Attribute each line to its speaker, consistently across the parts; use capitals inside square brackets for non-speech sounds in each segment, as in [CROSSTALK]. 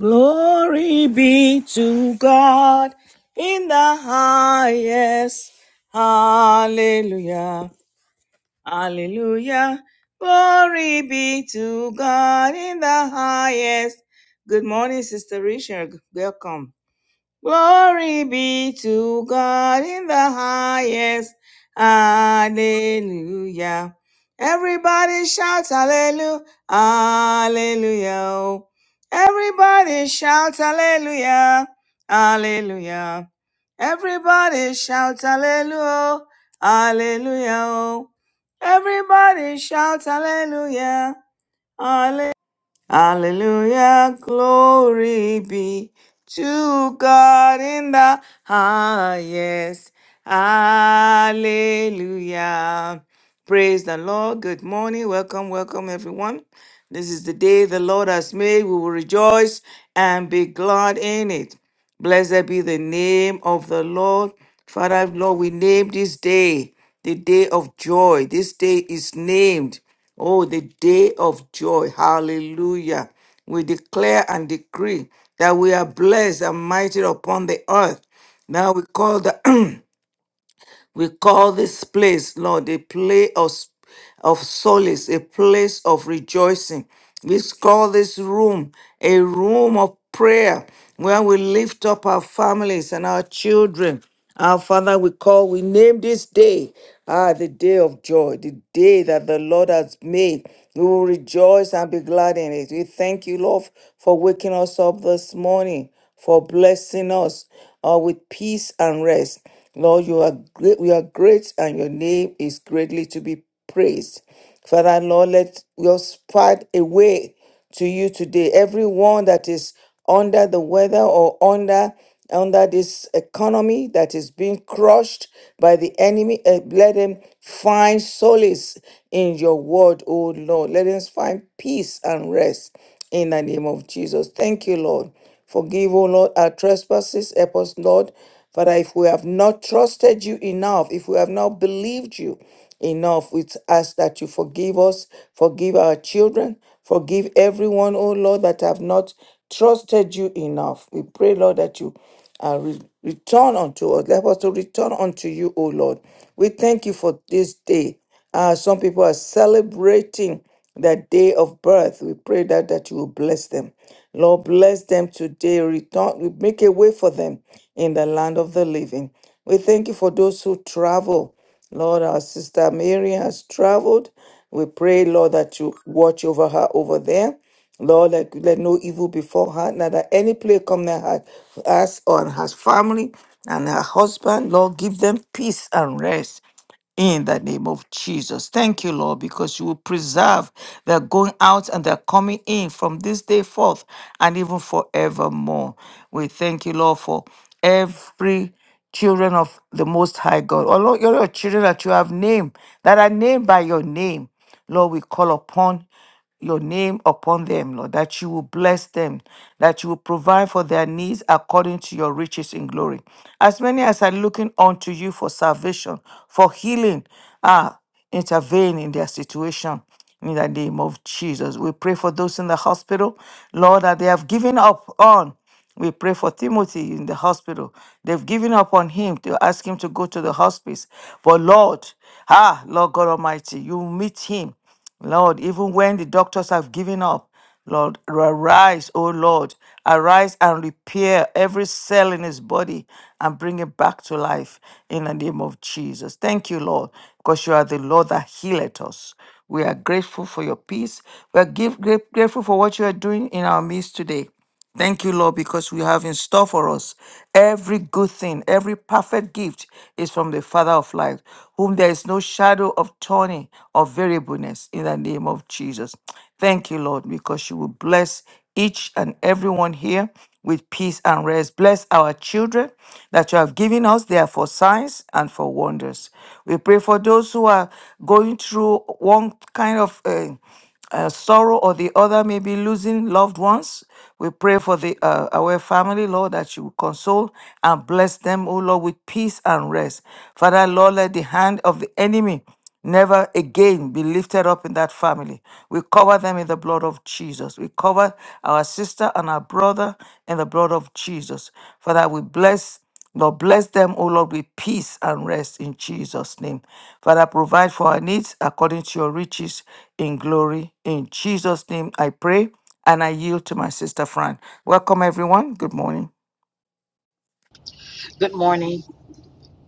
Speaker 1: Glory be to God in the highest. Hallelujah. Hallelujah. Glory be to God in the highest. Good morning, Sister Richard. Welcome. Glory be to God in the highest. Hallelujah. Everybody shout hallelujah. Hallelujah. Everybody shout hallelujah. Hallelujah. Everybody shout hallelujah. Hallelujah. Everybody shout hallelujah. Hallelujah. Hallelujah, glory be to God in the highest. Hallelujah. Praise the Lord. Good morning. Welcome, welcome, everyone. This is the day the Lord has made. We will rejoice and be glad in it. Blessed be the name of the Lord. Father, Lord, we name this day the day of joy. This day is named, oh, the day of joy. Hallelujah. We declare and decree that we are blessed and mighty upon the earth. Now we call the [CLEARS THROAT] We call this place, Lord, a place of, of solace, a place of rejoicing. We call this room a room of prayer where we lift up our families and our children. Our Father, we call, we name this day, ah, the day of joy, the day that the Lord has made. We will rejoice and be glad in it. We thank you, Lord, for waking us up this morning, for blessing us uh, with peace and rest. Lord, you are great, you are great, and your name is greatly to be praised. Father, Lord, let your spite away to you today. Everyone that is under the weather or under under this economy that is being crushed by the enemy, eh, let them find solace in your word, O Lord. Let them find peace and rest in the name of Jesus. Thank you, Lord Forgive, O Lord, our trespasses. Help us, Lord. Father, if we have not trusted you enough, if we have not believed you enough, we ask that you forgive us, forgive our children, forgive everyone, O Lord, that have not trusted you enough. We pray, Lord, that you uh, re- return unto us. Help us to return unto you, O Lord. We thank you for this day. Uh, some people are celebrating their day of birth. We pray that, that you will bless them. Lord, bless them today. Return, make a way for them in the land of the living. We thank you for those who travel. Lord, our sister Mary has traveled. We pray, Lord, that you watch over her over there. Lord, let, let no evil befall her, not that any plague come near her, us or her family and her husband. Lord, give them peace and rest in the name of Jesus. Thank you, Lord, because you will preserve their going out and their coming in from this day forth and even forevermore. We thank you, Lord, for every children of the Most High God. Oh, Lord, you're your children that you have named, that are named by your name. Lord, we call upon your name upon them, Lord, that you will bless them, that you will provide for their needs according to your riches in glory. As many as are looking unto you for salvation, for healing, ah, intervene in their situation. In the name of Jesus, we pray for those in the hospital, Lord, that they have given up on. We pray for Timothy in the hospital. They've given up on him to ask him to go to the hospice. But Lord, ah, Lord God Almighty, you meet him. Lord, even when the doctors have given up, Lord, arise, O Lord, arise and repair every cell in his body and bring it back to life in the name of Jesus. Thank you, Lord, because you are the Lord that healeth us. We are grateful for your peace. We are give, gra- grateful for what you are doing in our midst today. Thank you, Lord, because we have in store for us every good thing, every perfect gift is from the Father of light, whom there is no shadow of turning or variableness in the name of Jesus. Thank you, Lord, because you will bless each and everyone here with peace and rest. Bless our children that you have given us. They are for signs and for wonders. We pray for those who are going through one kind of. Uh, uh, sorrow or the other, maybe losing loved ones. We pray for the uh, our family, Lord, that you will console and bless them, oh Lord, with peace and rest. Father, Lord, let the hand of the enemy never again be lifted up in that family. We cover them in the blood of Jesus. We cover our sister and our brother in the blood of Jesus. Father, we bless Lord, bless them, O Lord, with peace and rest in Jesus' name. Father, provide for our needs according to your riches in glory. In Jesus' name, I pray and I yield to my sister Fran. Welcome, everyone. Good morning.
Speaker 2: Good morning.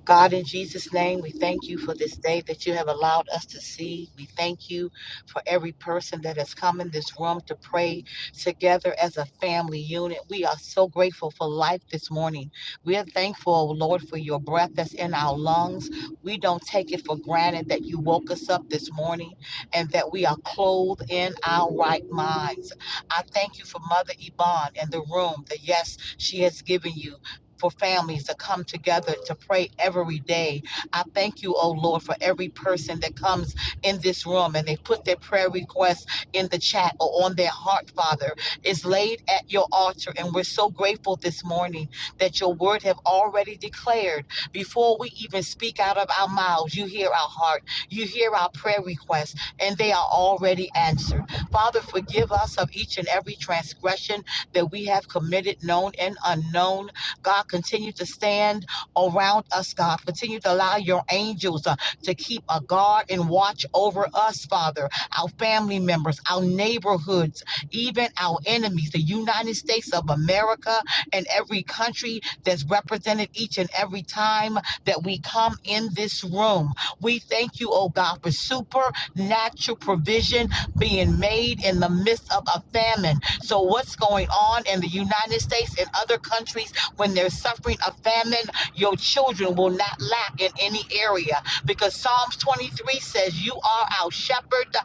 Speaker 2: God, in Jesus' name, we thank you for this day that you have allowed us to see. We thank you for every person that has come in this room to pray together as a family unit. We are so grateful for life this morning. We are thankful, Lord, for your breath that's in our lungs. We don't take it for granted that you woke us up this morning and that we are clothed in our right minds. I thank you for Mother Yvonne and the room, the yes she has given you for families to come together to pray every day. I thank you, oh Lord, for every person that comes in this room and they put their prayer requests in the chat or on their heart, Father. It's laid at your altar, and we're so grateful this morning that your word have already declared. Before we even speak out of our mouths, you hear our heart, you hear our prayer requests, and they are already answered. Father, forgive us of each and every transgression that we have committed, known and unknown. God, continue to stand around us, God. Continue to allow your angels uh, to keep a guard and watch over us, Father, our family members, our neighborhoods, even our enemies, the United States of America and every country that's represented each and every time that we come in this room. We thank you, oh God, for supernatural provision being made in the midst of a famine. So, what's going on in the United States and other countries? when they're suffering a famine, your children will not lack in any area because Psalms 23 says, You are our shepherd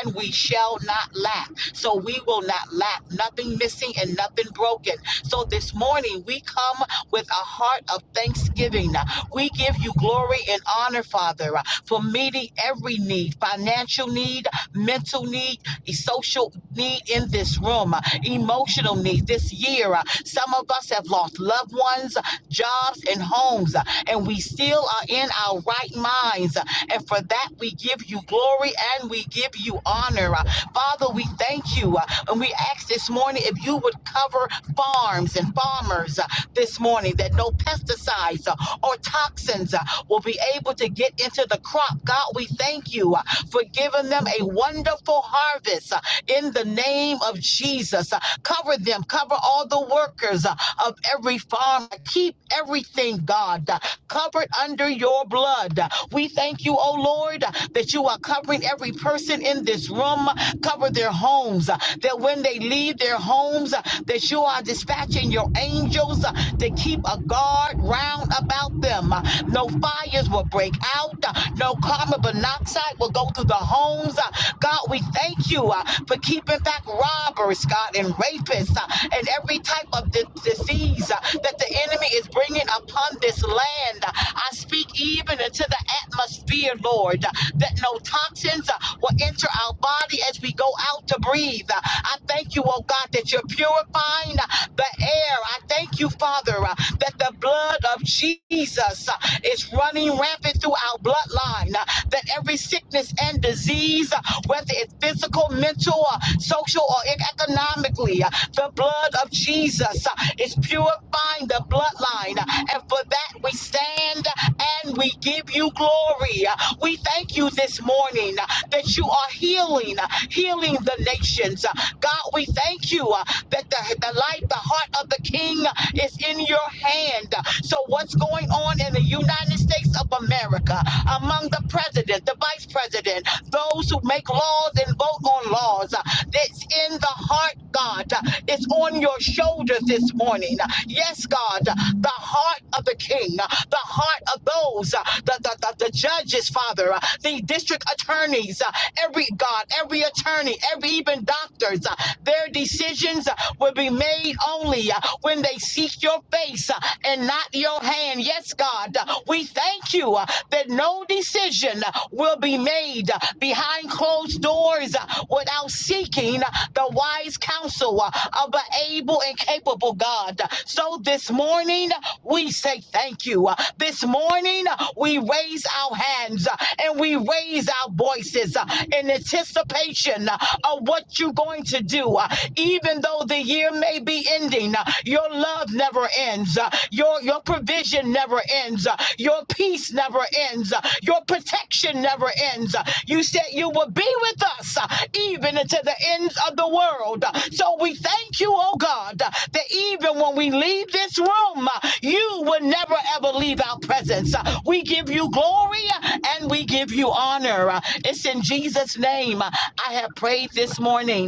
Speaker 2: and we shall not lack. So we will not lack, nothing missing and nothing broken. So this morning we come with a heart of thanksgiving. We give you glory and honor, Father, for meeting every need financial need, mental need, e- social need in this room, uh, emotional need this year. uh, Some of us have lost loved ones, uh, jobs, and homes, uh, and we still are in our right minds. uh, And for that, we give you glory and we give you honor. Uh, Father, we thank you. uh, And we ask this morning if you would cover farms and farmers uh, this morning, that no pesticides uh, or toxins uh, will be able to get into the crop. God, we thank you uh, for giving them a wonderful harvest uh, in the name of Jesus. Uh, Cover them, cover all the workers uh, of every farm. Keep everything, God, uh, covered under your blood. Uh, We thank you, oh Lord, uh, that you are covering every person in this room. Uh, Cover their homes, uh, that when they leave their homes, uh, that you are dispatching your angels uh, to keep a guard round about them. Uh, No fires will break out, Uh, No know, carbon monoxide will go through the homes. Uh, God, we thank you uh, for keeping back robbers, God, and rapists uh, and every type of di- disease uh, that the enemy is bringing upon this land. Uh, I speak even into the atmosphere, Lord, uh, that no toxins uh, will enter our body as we go out to breathe. Uh, I thank you, oh God, that you're purifying uh, the air. I thank you, Father, uh, that the blood of Jesus uh, is is running rampant through our bloodline. uh, That every sickness and disease, uh, whether it's physical, mental, uh, social, or e- economically, uh, the blood of Jesus uh, is purifying the bloodline. uh, And for that, we stand uh, and we give you glory. Uh, We thank you this morning uh, that you are healing, uh, healing the nations. Uh, God, we thank you uh, that the, the life, the heart of the King uh, is in your hand. uh. So, what's going on in the United States of America among the president, the vice president, those who make laws and vote on laws? uh, That's in the heart, God. It's on your shoulders this morning. Yes, God, the heart of the king, uh, the heart of those, uh, the, the, the, the judges, Father, uh, the district attorneys, uh, every God, every attorney, every even doctors, uh, their decisions uh, will be made only uh, when they seek your face uh, and not your hand. Yes, God, uh, we thank you uh, that no decision uh, will be made uh, behind closed doors uh, without seeking uh, the wise counsel uh, of an able and capable God. So this morning, uh, we say thank you. uh, This morning, uh, we raise our hands uh, and we raise our voices uh, in anticipation uh, of what you're going to do. Uh, Even though the the year may be ending, uh, your love never ends. uh, Your, your provision never ends. uh, Your peace never ends. uh, Your protection never ends. uh, You said you will be with us uh, even until the ends of the world. uh, So we thank you, oh God, uh, that even when we leave this room, uh, you will never ever leave our presence. Uh, We give you glory uh, and we give you honor. Uh, It's in Jesus' name uh, I have prayed this morning.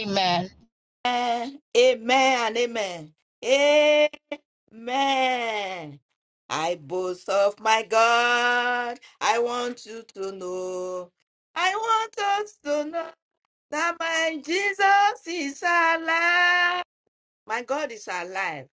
Speaker 2: Amen.
Speaker 3: Amen. Amen. Amen. Amen. I boast of my God. I want you to know. I want us to know that my Jesus is alive. My God is alive.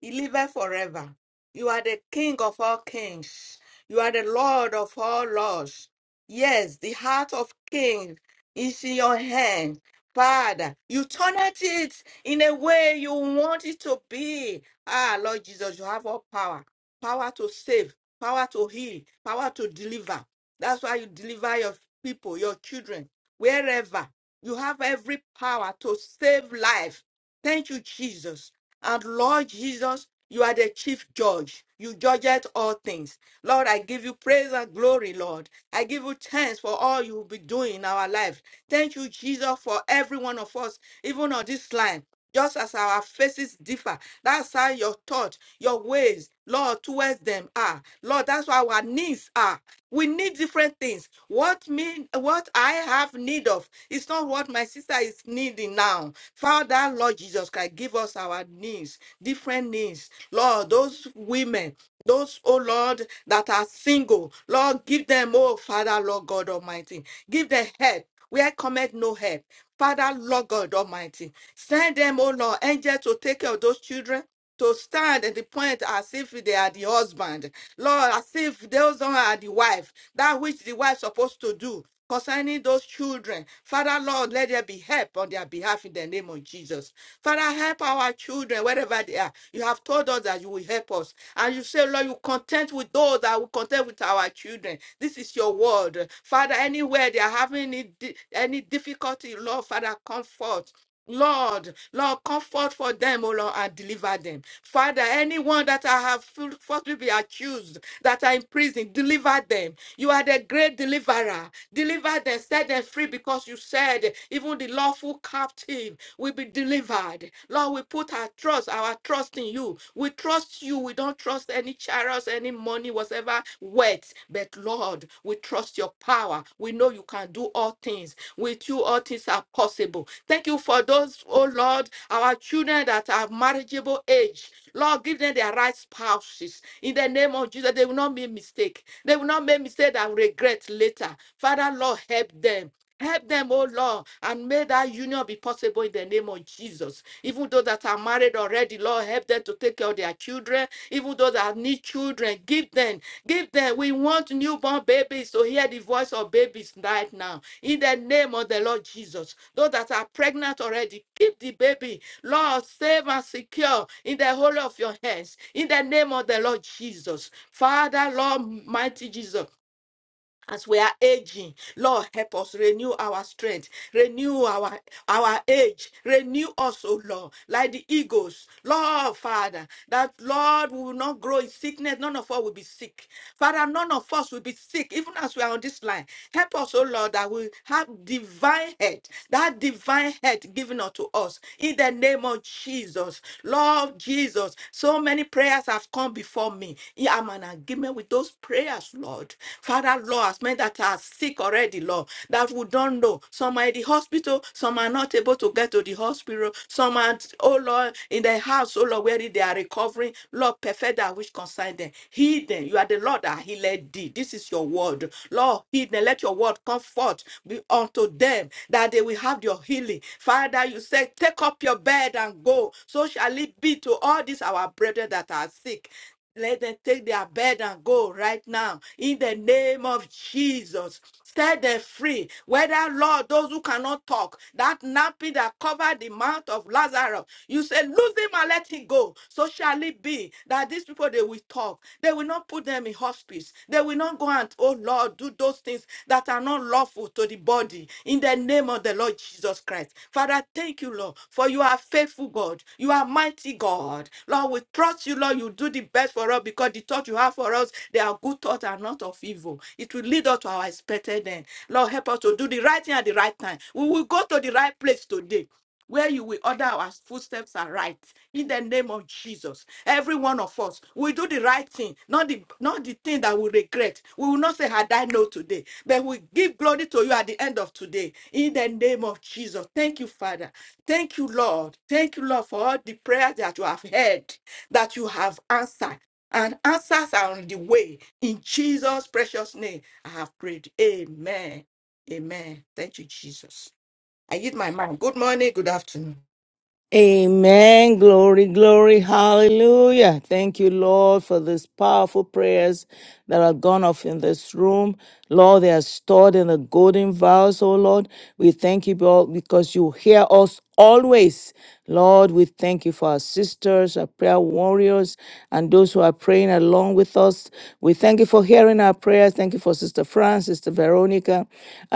Speaker 3: He liveth forever. You are the King of all kings. You are the Lord of all lords. Yes, the heart of king is in your hand. Father, you turned it in a way you want it to be. Ah, Lord Jesus, you have all power. Power to save, power to heal, power to deliver. That's why you deliver your people, your children, wherever. You have every power to save life Thank you, Jesus. And Lord Jesus, you are the chief judge. You judge at all things. Lord, I give you praise and glory, Lord. I give you thanks for all you will be doing in our life. Thank you, Jesus, for every one of us, even on this line. Just as our faces differ, that's how your thought, your ways, Lord, towards them are. Lord, that's what our needs are. We need different things. What mean what I have need of is not what my sister is needing now. Father, Lord Jesus Christ, give us our needs, different needs. Lord, those women, those, oh Lord, that are single, Lord, give them, oh Father, Lord God Almighty, give them help. Where cometh no help. Father, Lord God Almighty, send them, oh Lord, angels to take care of those children to stand at the point as if they are the husband. Lord, as if those one are the wife, that which the wife supposed to do concerning those children. Father, Lord, let there be help on their behalf in the name of Jesus. Father, help our children wherever they are. You have told us that you will help us. And you say, Lord, you content with those that will content with our children. This is your word. Father, anywhere they are having any di- any difficulty, Lord, Father, comfort. Lord, Lord, comfort for them, O Lord, and deliver them. Father, anyone that I have ful- falsely be accused, that are in prison, deliver them. You are the great deliverer. Deliver them, set them free, because you said even the lawful captive will be delivered. Lord, we put our trust, our trust in you. We trust you. We don't trust any chariots, any money, whatever words, but Lord, we trust your power. We know you can do all things. With you, all things are possible. Thank you for those, oh Lord, our children that are marriageable age. Lord, give them their right spouses. In the name of Jesus, they will not make mistake. They will not make mistake that regret later. Father, Lord, help them. Help them, oh Lord, and may that union be possible in the name of Jesus. Even those that are married already, Lord, help them to take care of their children. Even those that need children, give them, give them. We want newborn babies to hear the voice of babies right now. In the name of the Lord Jesus. Those that are pregnant already, keep the baby. Lord, save and secure in the whole of your hands. In the name of the Lord Jesus. Father, Lord, mighty Jesus as we are aging lord help us renew our strength renew our our age renew us O lord like the eagles lord father that lord we will not grow in sickness none of us will be sick father none of us will be sick even as we are on this line help us O lord that we have divine head that divine head given unto us in the name of jesus lord jesus so many prayers have come before me I'm an agreement with agreement with those prayers, Lord. Father, Lord, as many that are sick already, Lord, that we don't know. Some are in the hospital, some are not able to get to the hospital, some are, oh Lord, in their house, oh Lord, where they are recovering. Lord, perfect that which concern them. Heal them. You are the Lord that healed thee. This is your word. Lord, heal them. Let your word come forth be unto them that they will have your healing. Father, you said, take up your bed and go. So shall it be to all these our brethren that are sick. Let them take their bed and go right now in the name of Jesus. Set them free. Whether, Lord, those who cannot talk, that nappy that covered the mouth of Lazarus, you say, Lose him and let him go. So shall it be that these people, they will talk. They will not put them in hospice. They will not go and, oh Lord, do those things that are not lawful to the body in the name of the Lord Jesus Christ. Father, thank you, Lord, for you are faithful, God. You are mighty mighty God. Lord, we trust you, Lord. You do the best for us because the thoughts you have for us, they are good thoughts and not of evil. It will lead us to our expected end. Lord, help us to do the right thing at the right time. We will go to the right place today. Where you will order our footsteps are right in the name of Jesus. Every one of us will do the right thing, not the not the thing that we regret. We will not say had I know today, but we give glory to you at the end of today in the name of Jesus. Thank you, Father. Thank you, Lord. Thank you, Lord, for all the prayers that you have heard, that you have answered. And answers are on the way. In Jesus' precious name, I have prayed. Amen. Amen. Thank you, Jesus. I give my mind. Good morning, good afternoon.
Speaker 1: Amen. Glory, glory. Hallelujah. Thank you, Lord, for these powerful prayers that are gone off in this room. Lord, they are stored in the golden vials, oh Lord. We thank you Lord, because you hear us always. Lord, we thank you for our sisters, our prayer warriors, and those who are praying along with us. We thank you for hearing our prayers. Thank you for Sister Fran, Sister Veronica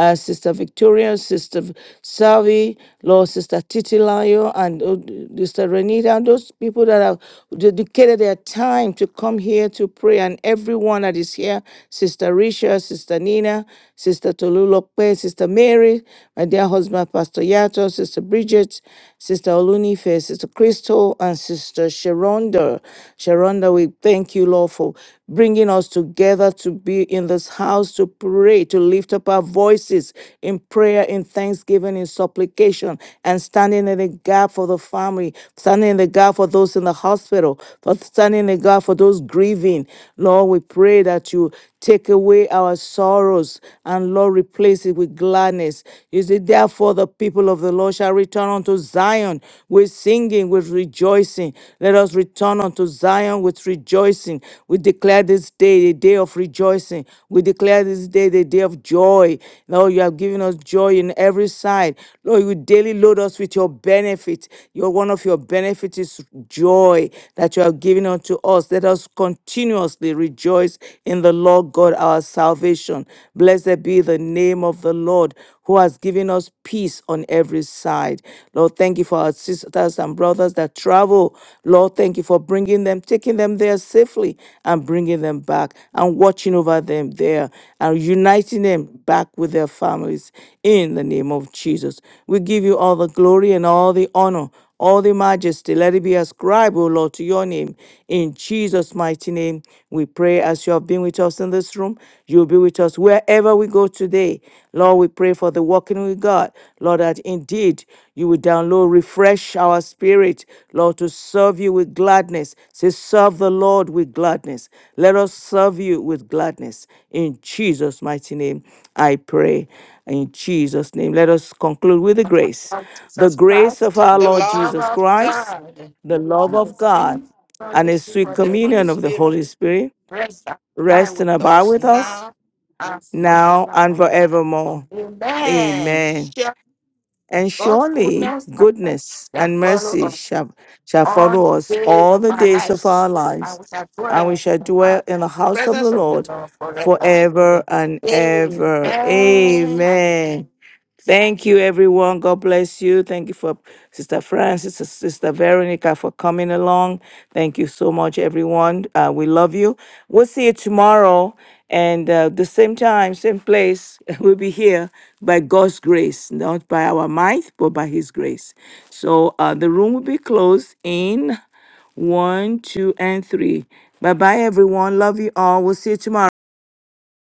Speaker 1: uh, Sister Victoria, Sister V- Savi, Lord Sister Titilayo, and uh, Sister Renita, and those people that have dedicated their time to come here to pray, and everyone that is here, Sister Risha, Sister Nina, Sister Tolulope, Sister Mary, my dear husband, Pastor Yato, Sister Bridget, Sister Olunife, Sister Crystal, and Sister Sharonda. Sharonda, we thank you, Lord, for bringing us together to be in this house to pray, to lift up our voices in prayer, in thanksgiving, in supplication, and standing in the gap for the family, standing in the gap for those in the hospital, for standing in the gap for those grieving. Lord, we pray that you take away our sorrows and Lord, replace it with gladness. You see, therefore, the people of the Lord shall return unto Zion with singing singing, with rejoicing. Let us return unto Zion with rejoicing. We declare this day the day of rejoicing. We declare this day the day of joy. Lord, you have given us joy in every side. Lord, you daily load us with your benefit. Your one of your benefits is joy that you have given unto us. Let us continuously rejoice in the Lord God our salvation. Blessed be the name of the Lord who has given us peace on every side. Lord, thank you for our sisters and brothers that travel. Lord, thank you for bringing them, taking them there safely and bringing them back and watching over them there and uniting them back with their families in the name of Jesus. We give you all the glory and all the honor all the majesty. Let it be ascribed, O Lord, to your name. In Jesus' mighty name, we pray as you have been with us in this room, you'll be with us wherever we go today. Lord, we pray for the walking with God. Lord, that indeed you will download, refresh our spirit, Lord, to serve you with gladness. Say, serve the Lord with gladness. Let us serve you with gladness. In Jesus' mighty name, I pray. In Jesus' name, let us conclude with the grace.
Speaker 3: Lord
Speaker 1: The
Speaker 3: Jesus
Speaker 1: grace of
Speaker 3: Christ,
Speaker 1: our
Speaker 3: the
Speaker 1: Lord
Speaker 3: love
Speaker 1: Jesus
Speaker 3: of
Speaker 1: Christ,
Speaker 3: God,
Speaker 1: the love
Speaker 3: and the
Speaker 1: of God,
Speaker 3: sweet
Speaker 1: and the
Speaker 3: fellowship
Speaker 1: sweet
Speaker 3: of the Holy
Speaker 1: communion of the
Speaker 3: Spirit
Speaker 1: Holy Spirit
Speaker 3: rest and abide
Speaker 1: rest and
Speaker 3: with
Speaker 1: abide
Speaker 3: us
Speaker 1: with us
Speaker 3: now and
Speaker 1: now and
Speaker 3: forevermore.
Speaker 1: forevermore.
Speaker 3: Amen.
Speaker 1: Amen.
Speaker 3: Surely
Speaker 1: And
Speaker 3: God's
Speaker 1: surely
Speaker 3: goodness and mercy
Speaker 1: goodness
Speaker 3: shall
Speaker 1: and
Speaker 3: follow
Speaker 1: mercy
Speaker 3: us
Speaker 1: shall, shall
Speaker 3: all
Speaker 1: follow
Speaker 3: the
Speaker 1: us
Speaker 3: days
Speaker 1: all
Speaker 3: of
Speaker 1: the
Speaker 3: our
Speaker 1: days of
Speaker 3: lives,
Speaker 1: our
Speaker 3: and
Speaker 1: lives,
Speaker 3: we shall
Speaker 1: and we
Speaker 3: dwell in
Speaker 1: shall
Speaker 3: the
Speaker 1: dwell
Speaker 3: house,
Speaker 1: in the
Speaker 3: the
Speaker 1: house of the
Speaker 3: presence of the
Speaker 1: Lord
Speaker 3: Lord forever.
Speaker 1: forever and
Speaker 3: Amen.
Speaker 1: ever.
Speaker 3: Hallelujah.
Speaker 1: Amen. Thank you, everyone. God bless you. Thank you for Sister Francis, Sis- Sister Veronica for coming along. Thank you so much, everyone. Uh, we love you. We'll see you tomorrow. And uh, the same time, same place, [LAUGHS] we'll be here by God's grace, not by our might, but by His grace. So uh, the room will be closed in one, two, and three. Bye bye, everyone. Love you all. We'll see you tomorrow.